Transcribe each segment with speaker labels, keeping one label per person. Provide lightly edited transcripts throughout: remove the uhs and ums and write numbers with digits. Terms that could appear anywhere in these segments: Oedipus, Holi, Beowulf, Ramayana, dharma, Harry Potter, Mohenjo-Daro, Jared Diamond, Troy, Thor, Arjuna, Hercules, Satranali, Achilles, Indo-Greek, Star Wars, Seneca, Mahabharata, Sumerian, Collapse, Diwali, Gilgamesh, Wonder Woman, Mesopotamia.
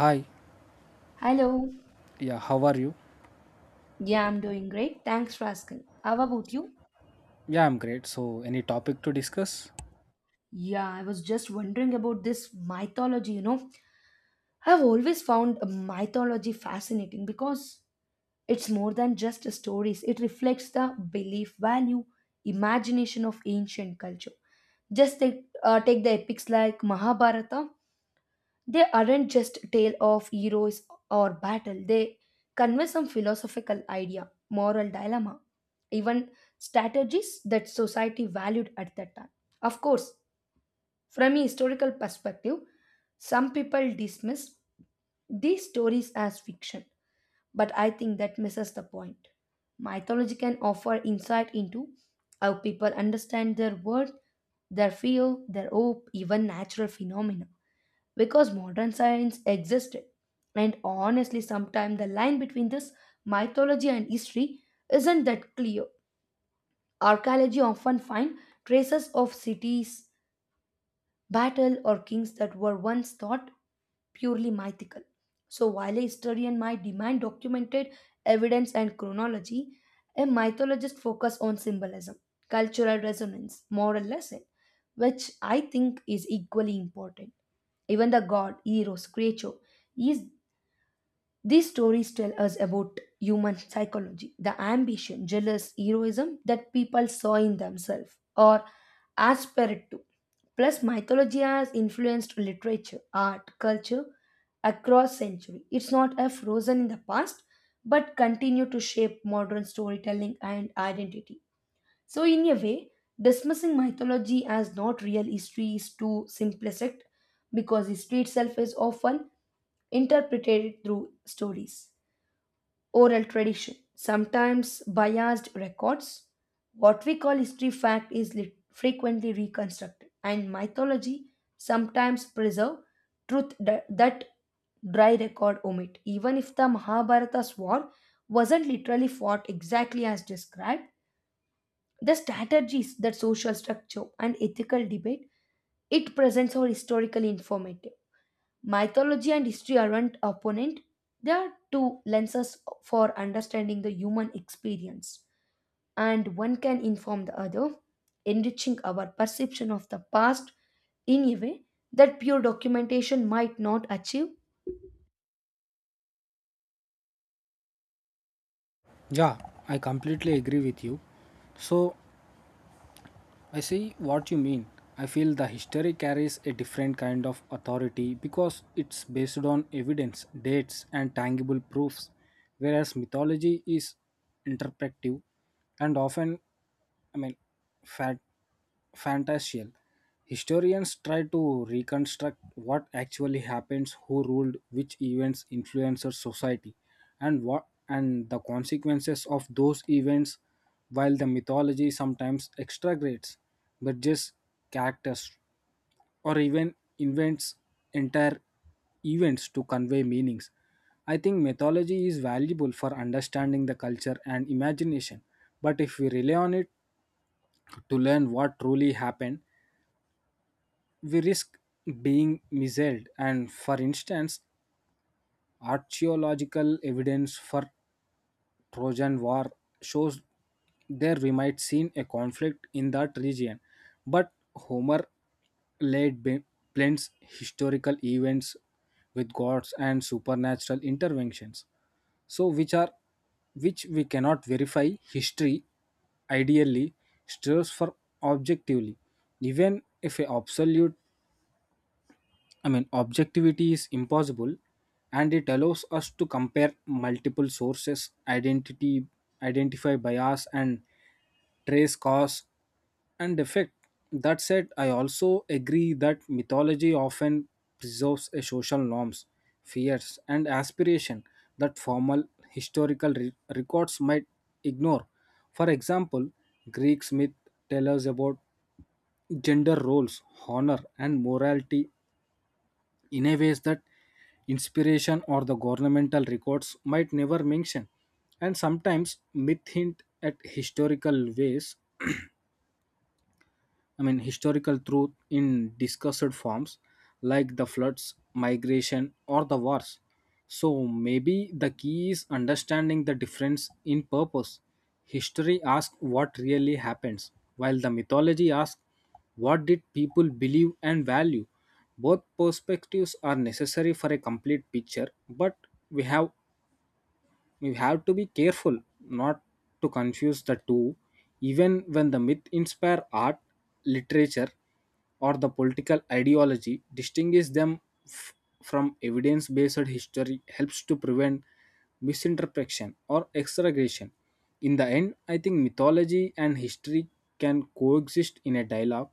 Speaker 1: Hi,
Speaker 2: Hello.
Speaker 1: yeah, how are you?
Speaker 2: Yeah, I'm doing great. Thanks for asking. How about you?
Speaker 1: Yeah, I'm great. So, any topic to discuss?
Speaker 2: Yeah, I was just wondering about this mythology. I've always found mythology fascinating because it's more than just stories. It reflects the belief, value, imagination of ancient culture. Just take the epics like Mahabharata. They aren't just tale of heroes or battle. They convey some philosophical idea, moral dilemma, even strategies that society valued at that time. Of course, from a historical perspective, some people dismiss these stories as fiction, but I think that misses the point. Mythology can offer insight into how people understand their world, their fear, their hope, even natural phenomena because modern science existed. And honestly, sometimes the line between this mythology and history isn't that clear. Archaeology often find traces of cities, battle, or kings that were once thought purely mythical. So while a historian might demand documented evidence and chronology, a mythologist focus on symbolism, cultural resonance, moral lesson, which I think is equally important. Even the god, heroes, creature, is these stories tell us about human psychology, the ambition, jealous heroism that people saw in themselves or aspired to. Plus, mythology has influenced literature, art, culture across century. It's not a frozen in the past, but continue to shape modern storytelling and identity. So, in a way, dismissing mythology as not real history is too simplistic because history itself is often interpreted through stories, oral tradition, sometimes biased records. What we call history fact is frequently reconstructed, and mythology sometimes preserve truth that dry record omit. Even if the Mahabharata war wasn't literally fought exactly as described, the strategies, that social structure, and ethical debate it presents are historically informative. Mythology and history aren't opponent, they are two lenses for understanding the human experience, and one can inform the other, enriching our perception of the past in a way that pure documentation might not achieve.
Speaker 1: Yeah, I completely agree with you. So, I see what you mean. I feel the history carries a different kind of authority because it's based on evidence, dates, and tangible proofs, whereas mythology is interpretive and often, I mean, fat fantastical. Historians try to reconstruct what actually happens, who ruled, which events influenced society, and what and the consequences of those events. While the mythology sometimes exaggerates, but just characters or even invents entire events to convey meanings. I think mythology is valuable for understanding the culture and imagination, but if we rely on it to learn what truly happened, we risk being misled. And for instance, archaeological evidence for Trojan war shows there we might seen a conflict in that region, but Homer laid be- blends historical events with gods and supernatural interventions, so which are which we cannot verify. History ideally strives for objectively, even if a absolute, objectivity is impossible, and it allows us to compare multiple sources, identify bias, and trace cause and effect. That said, I also agree that mythology often preserves a social norms, fears, and aspiration that formal records might ignore. For example, Greek myth tell us about gender roles, honor, and morality in a ways that inspiration or the governmental records might never mention. And sometimes myth hint at historical ways, historical truth in discussed forms, like the floods, migration, or the wars. So maybe the key is understanding the difference in purpose. History asks what really happens, while the mythology asks what did people believe and value. Both perspectives are necessary for a complete picture, but we have we have to be careful not to confuse the two. Even when the myth inspire art, literature, or the political ideology, distinguish them f- from evidence based history helps to prevent misinterpretation or exaggeration. In the end, I think mythology and history can coexist in a dialogue,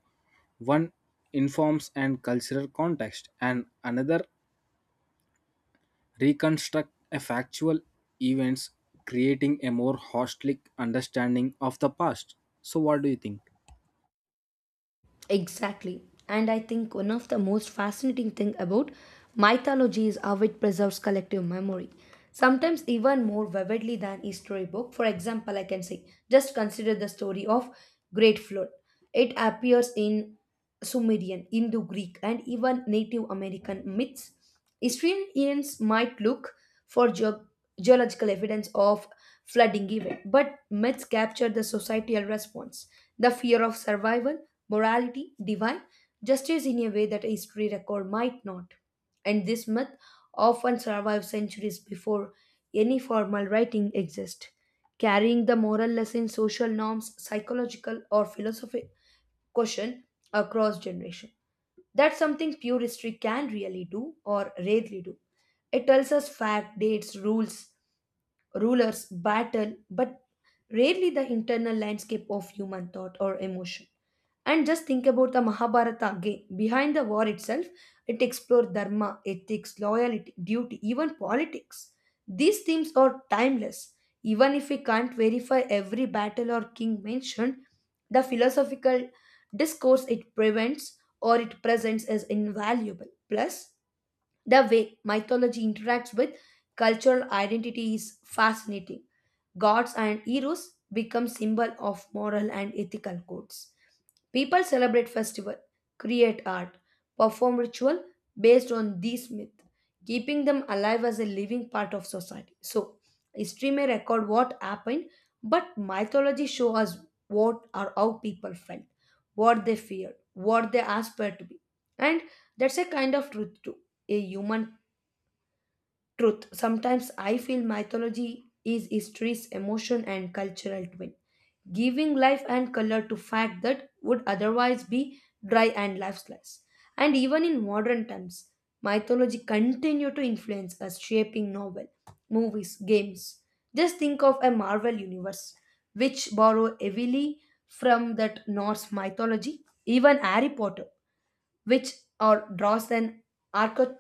Speaker 1: one informs and cultural context and another reconstruct a factual events, creating a more holistic understanding of the past. So, what do you think?
Speaker 2: Exactly. And I think one of the most fascinating thing about mythology is how it preserves collective memory, sometimes even more vividly than a storybook. For example, I can say, just consider the story of Great Flood. It appears in Sumerian, Indo-Greek, and even Native American myths. Historians might look for geological evidence of flooding event, but myths capture the societal response, the fear of survival, morality, divine justice in a way that a history record might not. And this myth often survives centuries before any formal writing exists, carrying the moral lesson, social norms, psychological or philosophy question across generation. That's something pure history can really do or rarely do. It tells us fact, dates, rules, rulers battle, but rarely the internal landscape of human thought or emotion. And just think about the Mahabharata again. Behind the war itself, it explored dharma, ethics, loyalty, duty, even politics. These themes are timeless. Even if we can't verify every battle or king mentioned, the philosophical discourse it prevents or it presents is invaluable. Plus, the way mythology interacts with cultural identity is fascinating. Gods and heroes become symbol of moral and ethical codes. People celebrate festival, create art, perform ritual based on these myths, keeping them alive as a living part of society. So, history may record what happened, but mythology shows us what or how people felt, what they feared, what they aspired to be, and that's a kind of truth too, a human truth. Sometimes I feel mythology is history's emotion and cultural twin, giving life and color to fact that would otherwise be dry and lifeless. And even in modern times, mythology continue to influence us, shaping novel, movies, games. Just think of a Marvel universe, which borrow heavily from that Norse mythology. Even Harry Potter, which or draws an archetype.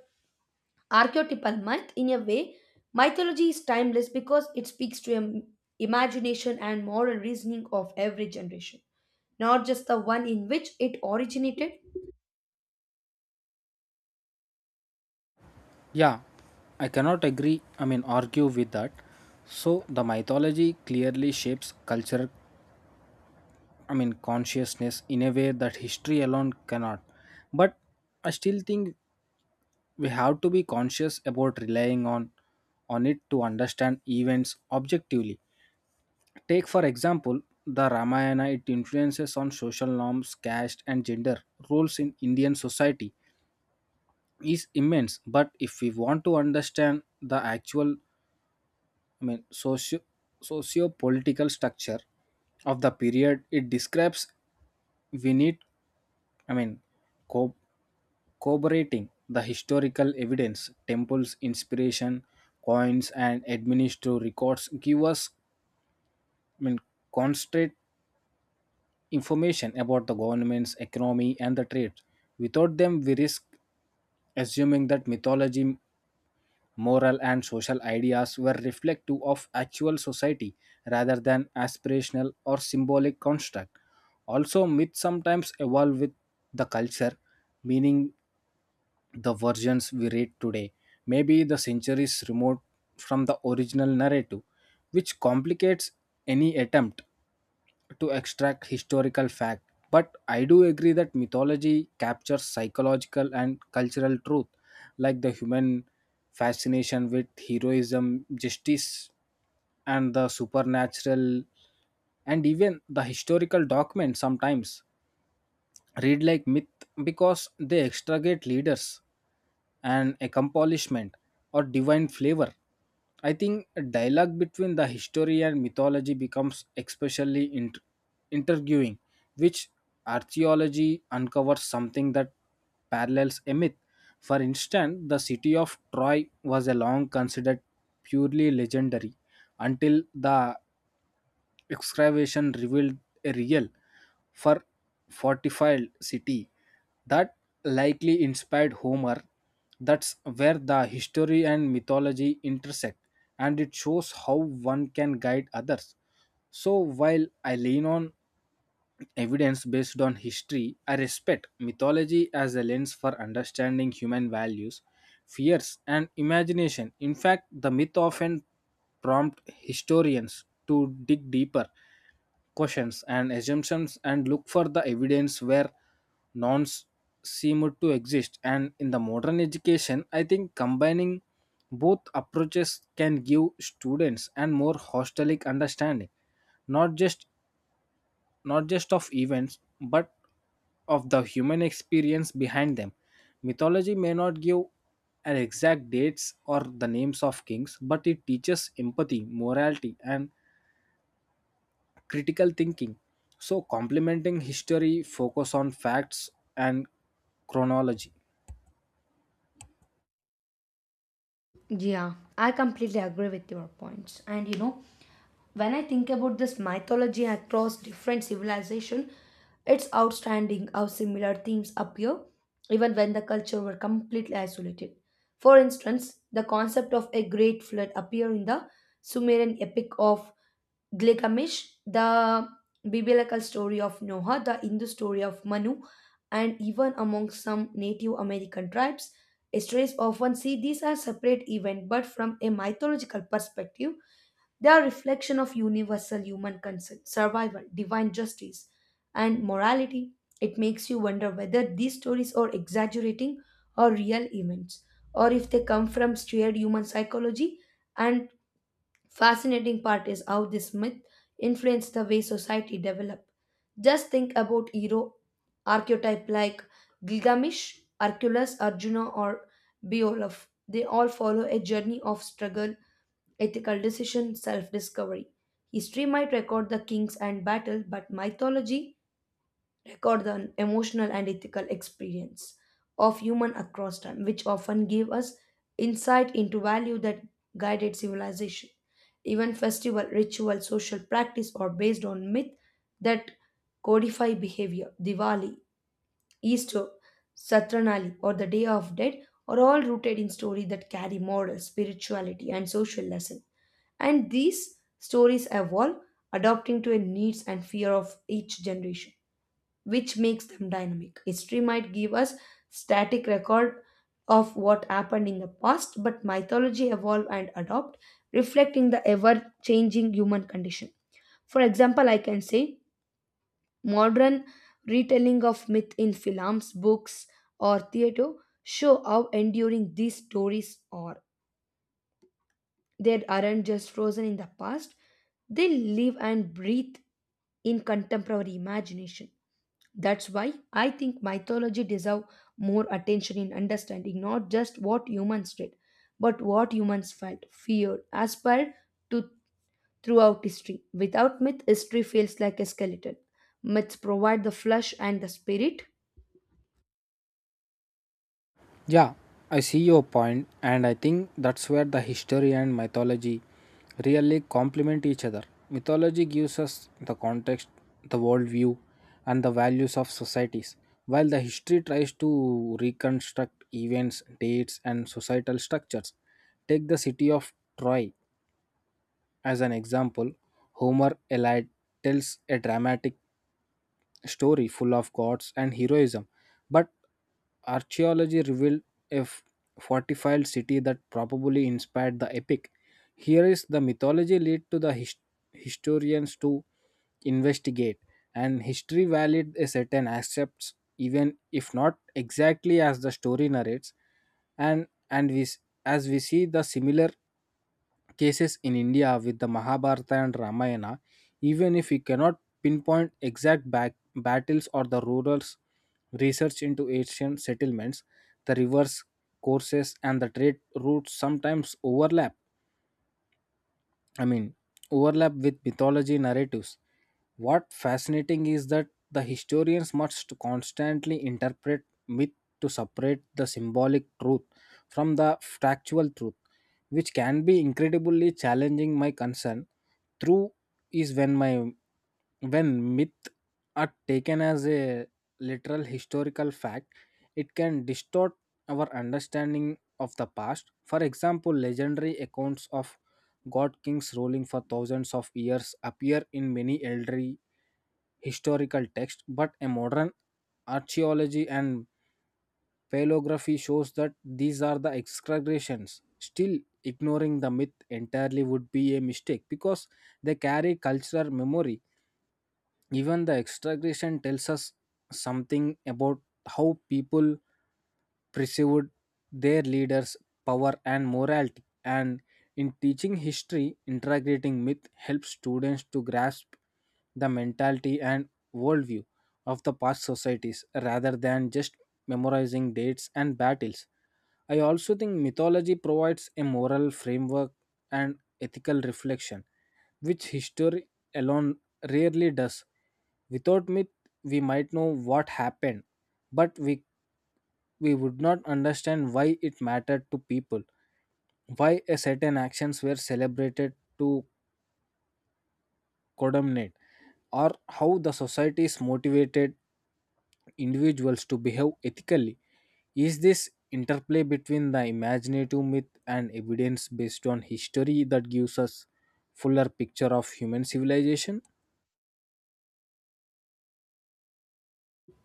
Speaker 2: Archetypal myth, in a way, mythology is timeless because it speaks to the imagination and moral reasoning of every generation, not just the one in which it originated.
Speaker 1: Yeah, I cannot agree, argue with that. So, the mythology clearly shapes culture, consciousness in a way that history alone cannot. But I still think we have to be conscious about relying on it to understand events objectively. Take, for example, the Ramayana, it influences on social norms, caste, and gender roles in Indian society is immense. But if we want to understand the actual, I mean, socio socio political structure of the period it describes, we need, I mean, co- corroborating the historical evidence. Temples, inspiration, coins, and administrative records give us, I mean, constant information about the government's economy and the trade. Without them, we risk assuming that mythology, moral, and social ideas were reflective of actual society rather than aspirational or symbolic construct. Also, myths sometimes evolve with the culture, meaning the versions we read today may be the centuries removed from the original narrative, which complicates any attempt to extract historical fact. But I do agree that mythology captures psychological and cultural truth, like the human fascination with heroism, justice, and the supernatural, and even the historical documents sometimes read like myth because they extricate leaders and accomplishment or divine flavor. I think a dialogue between the history and mythology becomes especially intriguing, which archaeology uncovers something that parallels a myth. For instance, the city of Troy was a long considered purely legendary until the excavation revealed a real for fortified city that likely inspired Homer. That's where the history and mythology intersect, and it shows how one can guide others. So, while I lean on evidence based on history, I respect mythology as a lens for understanding human values, fears, and imagination. In fact, the myth often prompt historians to dig deeper questions and assumptions and look for the evidence where none seem to exist. And in the modern education, I think combining both approaches can give students and more holistic understanding, not just not just of events but of the human experience behind them. Mythology may not give an exact dates or the names of kings, but it teaches empathy, morality, and critical thinking. So, complementing history, focus on facts and chronology.
Speaker 2: Yeah, I completely agree with your points. And when I think about this mythology across different civilization, it's outstanding how similar themes appear even when the culture were completely isolated. For instance, the concept of a great flood appear in the Sumerian epic of Gilgamesh, the biblical story of Noah, the Hindu story of Manu, and even among some Native American tribes. Historians often see these as separate events, but from a mythological perspective, they are reflection of universal human concern, survival, divine justice, and morality. It makes you wonder whether these stories are exaggerating or real events, or if they come from shared human psychology. And fascinating part is how this myth influenced the way society developed. Just think about hero archetype like Gilgamesh, Hercules, Arjuna, or Beowulf. They all follow a journey of struggle, ethical decision, self-discovery. History might record the kings and battle, but mythology record the emotional and ethical experience of human across time, which often give us insight into value that guided civilization. Even festival, ritual, social practice are based on myth that codify behavior. Diwali, Easter, Satranali, or the Day of Dead are all rooted in stories that carry moral, spirituality, and social lesson. And these stories evolve, adapting to the needs and fear of each generation, which makes them dynamic. History might give us static record of what happened in the past, but mythology evolve and adopt, reflecting the ever-changing human condition. For example, I can say modern retelling of myth in films, books, or theatre show how enduring these stories are. They aren't just frozen in the past, they live and breathe in contemporary imagination. That's why I think mythology deserve more attention in understanding not just what humans did, but what humans felt, feared, aspired to throughout history. Without myth, history feels like a skeleton. Myths provide the flesh and the spirit.
Speaker 1: Yeah, I see your point, and I think that's where the history and mythology really complement each other. Mythology gives us the context, the worldview, and the values of societies, while the history tries to reconstruct events, dates, and societal structures. Take the city of Troy as an example. Homer Eliade tells a dramatic story full of gods and heroism, but archaeology revealed a fortified city that probably inspired the epic. Here is the mythology lead to the historians to investigate, and history valid a certain aspects even if not exactly as the story narrates. And as we see the similar cases in India with the Mahabharata and Ramayana, even if we cannot pinpoint exact battles or the rural's research into ancient settlements, the rivers, courses, and the trade routes sometimes overlap. I mean, overlap with mythology narratives. What fascinating is that the historians must constantly interpret myth to separate the symbolic truth from the factual truth, which can be incredibly challenging. My concern through is when myth are taken as a literal historical fact, it can distort our understanding of the past. For example, legendary accounts of god kings ruling for thousands of years appear in many elderly historical texts, but a modern archaeology and paleography shows that these are the exaggerations. Still, ignoring the myth entirely would be a mistake because they carry cultural memory. Even the extragression tells us something about how people perceived their leaders' power and morality. And in teaching history, integrating myth helps students to grasp the mentality and worldview of the past societies rather than just memorizing dates and battles. I also think mythology provides a moral framework and ethical reflection, which history alone rarely does. Without myth, we might know what happened, but we would not understand why it mattered to people, why a certain actions were celebrated to condemnate, or how the society is motivated individuals to behave ethically. Is this interplay between the imaginative myth and evidence based on history that gives us fuller picture of human civilization?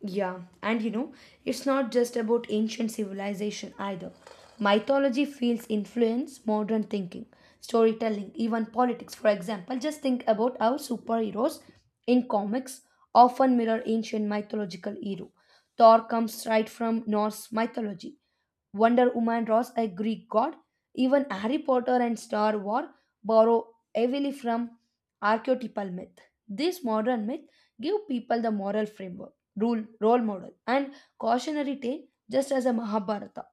Speaker 2: Yeah, it's not just about ancient civilization either. Mythology feels influence modern thinking, storytelling, even politics. For example, just think about how superheroes in comics often mirror ancient mythological hero. Thor comes right from Norse mythology. Wonder Woman was a Greek god. Even Harry Potter and Star Wars borrow heavily from archetypal myth. This modern myth give people the moral framework, rule, role model, and cautionary tale, just as a Mahabharata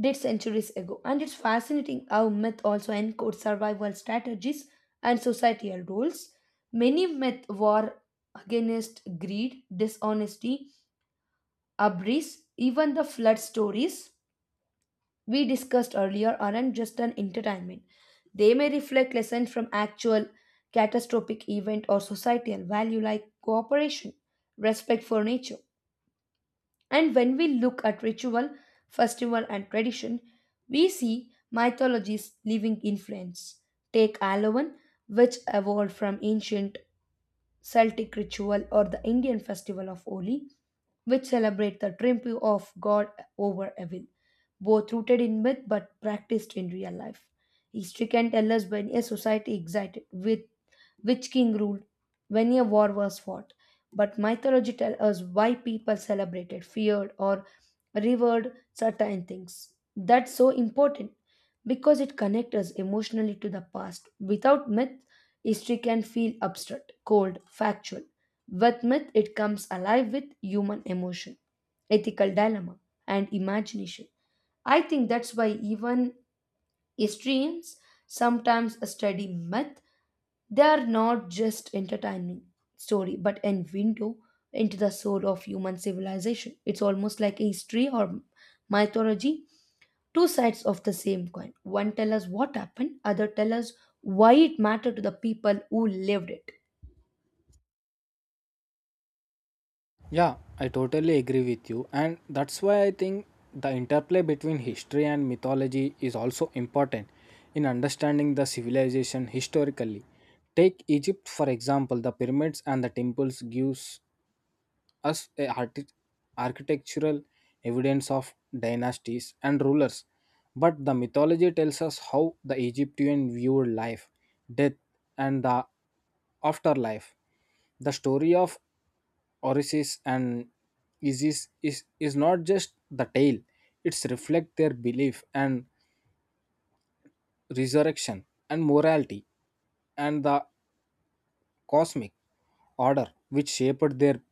Speaker 2: did centuries ago. And it's fascinating how myth also encodes survival strategies and societal rules. Many myths were against greed, dishonesty, abris, even the flood stories we discussed earlier aren't just an entertainment. They may reflect lessons from actual catastrophic event or societal value like cooperation, respect for nature. And when we look at ritual, festival and tradition, we see mythology's living influence. Take Alavan, which evolved from ancient Celtic ritual, or the Indian festival of Holi, which celebrate the triumph of God over evil, both rooted in myth but practiced in real life. History can tell us when a society excited with which king ruled, when a war was fought, but mythology tells us why people celebrated, feared, or revered certain things. That's so important because it connects us emotionally to the past. Without myth, history can feel abstract, cold, factual. With myth, it comes alive with human emotion, ethical dilemma, and imagination. I think that's why even historians sometimes study myth. They are not just entertaining story, but an window into the soul of human civilization. It's almost like a history or mythology, two sides of the same coin. One tell us what happened, other tell us why it mattered to the people who lived it.
Speaker 1: Yeah, I totally agree with you, and that's why I think the interplay between history and mythology is also important in understanding the civilization historically. Take Egypt for example, the pyramids and the temples gives as a architectural evidence of dynasties and rulers. But the mythology tells us how the Egyptian viewed life, death, and the afterlife. The story of Orisis and is not just the tale, it's reflect their belief and resurrection and morality and the cosmic order, which shaped their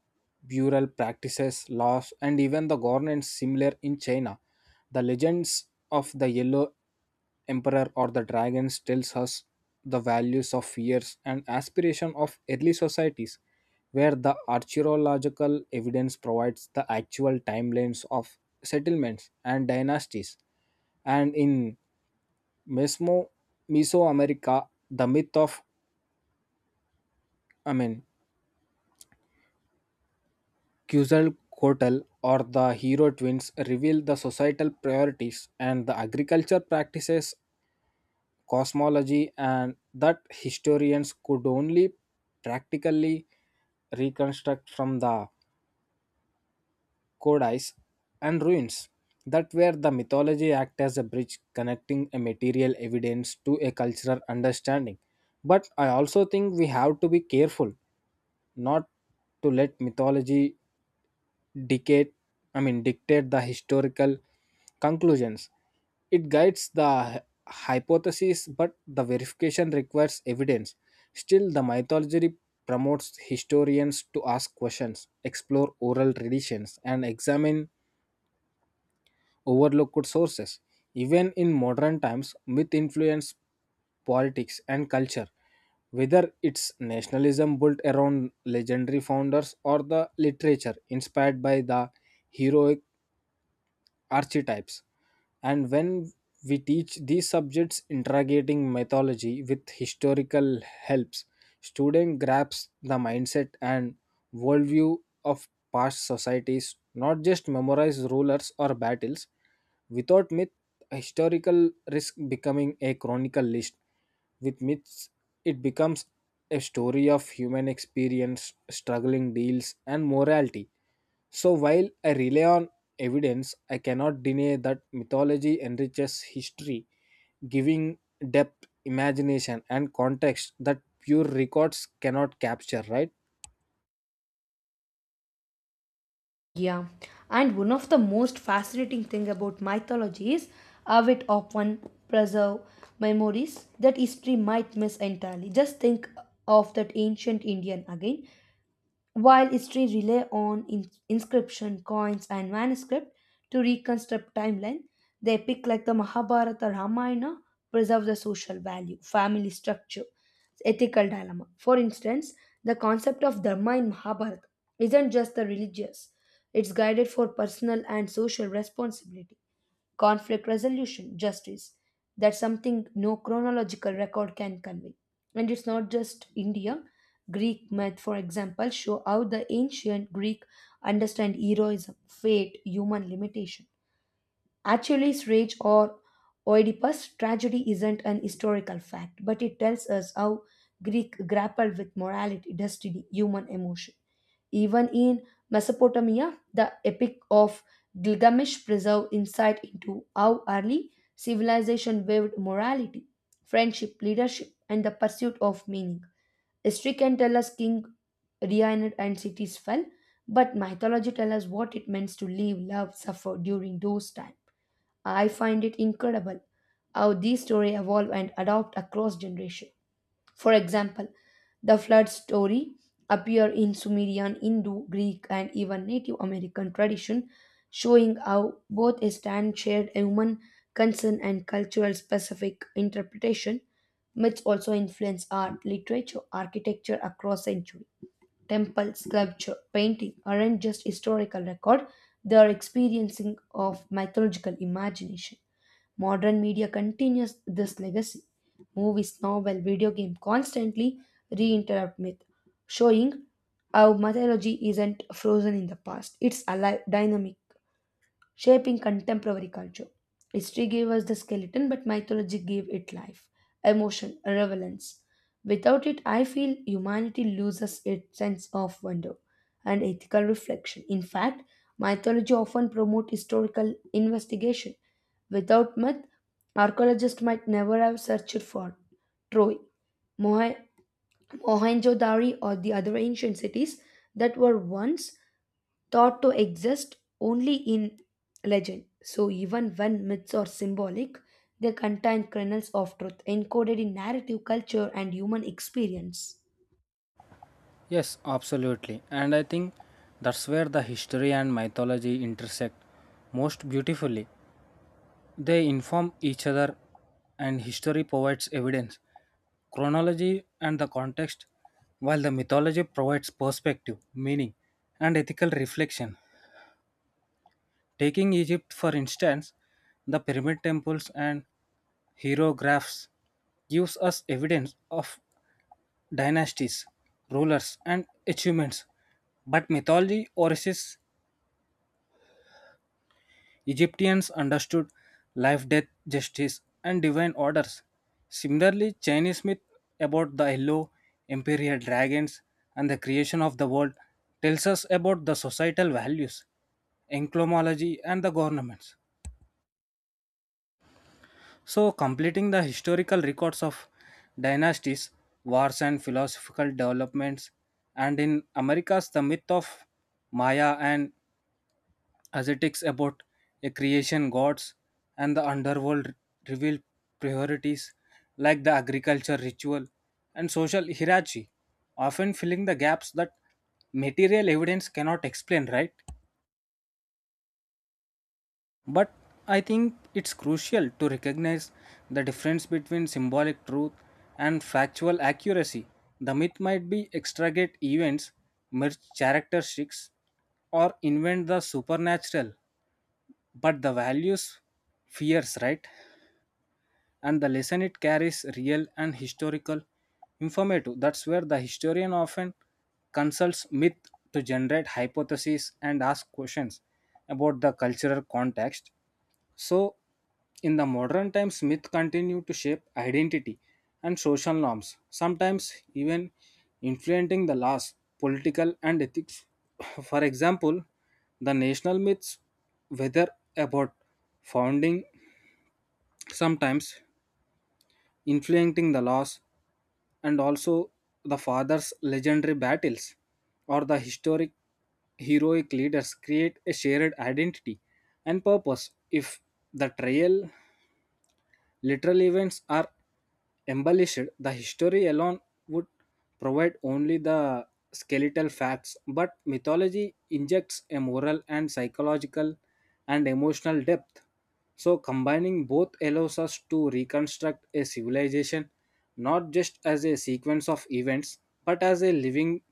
Speaker 1: burial practices, laws, and even the governance. Similar in China, the legends of the yellow emperor or the dragons tells us the values of fears and aspiration of early societies, where the archaeological evidence provides the actual timelines of settlements and dynasties. And in Mesmo, Mesoamerica, the myth of I mean Quetzal Coatl or the Hero twins reveal the societal priorities and the agriculture practices, cosmology, and that historians could only practically reconstruct from the codice and ruins. That where the mythology act as a bridge connecting a material evidence to a cultural understanding. But I also think we have to be careful not to let mythology dictate, dictate the historical conclusions. It guides the hypothesis, but the verification requires evidence. Still, the mythology promotes historians to ask questions, explore oral traditions, and examine overlooked sources. Even in modern times, myth influence politics and culture, whether it's nationalism built around legendary founders or the literature inspired by the heroic archetypes. And when we teach these subjects, interrogating mythology with historical helps, student grasps the mindset and worldview of past societies, not just memorize rulers or battles. Without myth, historical risk becoming a chronicle list. With myths, it becomes a story of human experience, struggling deals, and morality. So while I rely on evidence, I cannot deny that mythology enriches history, giving depth, imagination, and context that pure records cannot capture, right?
Speaker 2: Yeah, and one of the most fascinating thing about mythology is how it often preserve memories that history might miss entirely. Just think of that ancient Indian again. While history rely on inscription, coins, and manuscript to reconstruct timeline, the epic like the Mahabharata, Ramayana preserve the social value, family structure, ethical dilemma. For instance, the concept of dharma in Mahabharata isn't just the religious; it's guided for personal and social responsibility, conflict resolution, justice. That's something no chronological record can convey. And it's not just India. Greek myth, for example, show how the ancient Greek understand heroism, fate, human limitation. Achilles' rage or Oedipus' tragedy isn't an historical fact, but it tells us how Greek grappled with morality, destiny, human emotion. Even in Mesopotamia, the Epic of Gilgamesh preserves insight into how early civilization viewed morality, friendship, leadership, and the pursuit of meaning. History can tell us King Reined and cities fell, but mythology tells us what it means to live, love, suffer during those times. I find it incredible how these stories evolve and adopt across generations. For example, the flood story appear in Sumerian, Hindu, Greek, and even Native American tradition, showing how both stand shared human concern and cultural specific interpretation. Myths also influence art, literature, architecture across centuries. Temple, sculpture, painting aren't just historical record; they are experiencing of mythological imagination. Modern media continues this legacy. Movies, novel, video game constantly reinterrupt myth, showing how mythology isn't frozen in the past. It's alive, dynamic, shaping contemporary culture. History gave us the skeleton, but mythology gave it life, emotion, relevance. Without it, I feel humanity loses its sense of wonder and ethical reflection. In fact, mythology often promotes historical investigation. Without myth, archaeologists might never have searched for Troy, Mohe- Mohenjo-Daro, or the other ancient cities that were once thought to exist only in legend. So, even when myths are symbolic, they contain kernels of truth encoded in narrative culture and human experience.
Speaker 1: Yes, absolutely. And I think that's where the history and mythology intersect most beautifully. They inform each other, and history provides evidence, chronology, and the context, while the mythology provides perspective, meaning, and ethical reflection. Taking Egypt for instance, the pyramid temples and hieroglyphs gives us evidence of dynasties, rulers and achievements. But mythology Origins Egyptians understood life, death, justice and divine orders. Similarly, Chinese myth about the yellow imperial dragons and the creation of the world tells us about the societal values, enclomology and the governments. So, completing the historical records of dynasties, wars, and philosophical developments. And in America's the myth of Maya and ascetics about a creation gods and the underworld reveal priorities like the agriculture ritual and social hierarchy, often filling the gaps that material evidence cannot explain, right? But I think it's crucial to recognize the difference between symbolic truth and factual accuracy. The myth might be extragate events, merge characteristics, or invent the supernatural, but the values, fears, right? And the lesson it carries real and historical informative. That's where the historian often consults myth to generate hypotheses and ask questions about the cultural context. So, in the modern times, myth continue to shape identity and social norms, sometimes even influencing the laws, political and ethics. For example, the national myths, whether about founding, sometimes influencing the laws, and also the father's legendary battles or the historic heroic leaders create a shared identity and purpose. If the trial literal events are embellished, the history alone would provide only the skeletal facts, but mythology injects a moral and psychological and emotional depth. So, combining both allows us to reconstruct a civilization not just as a sequence of events but as a living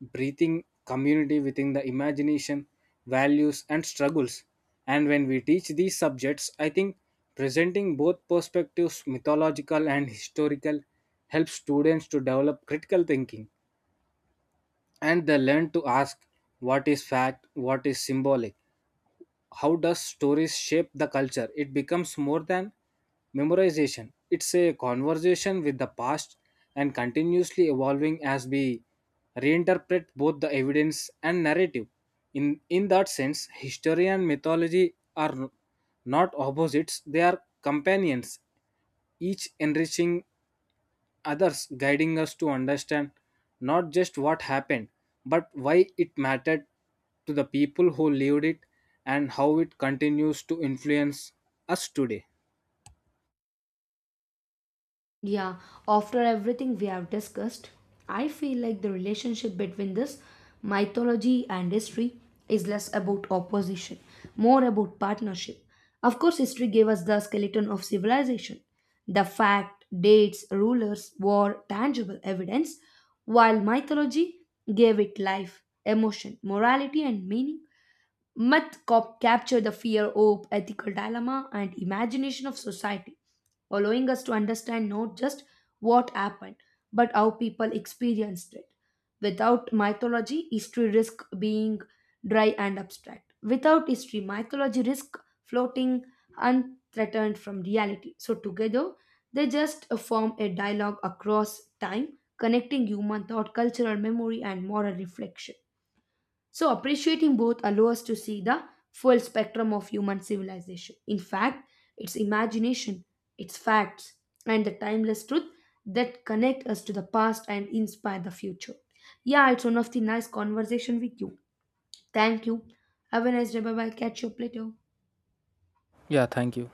Speaker 1: breathing community within the imagination, values, and struggles. And when we teach these subjects, I think presenting both perspectives, mythological and historical, helps students to develop critical thinking, and they learn to ask what is fact, what is symbolic, how does stories shape the culture. It becomes more than memorization, it's a conversation with the past and continuously evolving as we reinterpret both the evidence and narrative. In that sense, history and mythology are not opposites, they are companions, each enriching others, guiding us to understand not just what happened, but why it mattered to the people who lived it and how it continues to influence us today.
Speaker 2: Yeah, after everything we have discussed, I feel like the relationship between this mythology and history is less about opposition, more about partnership. Of course, history gave us the skeleton of civilization, the fact, dates, rulers, war, tangible evidence, while mythology gave it life, emotion, morality, and meaning. Myth cop capture the fear, hope, ethical dilemma, and imagination of society, allowing us to understand not just what happened, but how people experienced it. Without mythology, history risk being dry and abstract. Without history, mythology risk floating unthreatened from reality. So together, they just form a dialogue across time, connecting human thought, cultural memory, and moral reflection. So, appreciating both allows us to see the full spectrum of human civilization. In fact, its imagination, its facts, and the timeless truth that connect us to the past and inspire the future. Yeah, it's one of the nice conversation with you. Thank you. Have a nice day. Bye bye. Catch you up later.
Speaker 1: Yeah, thank you.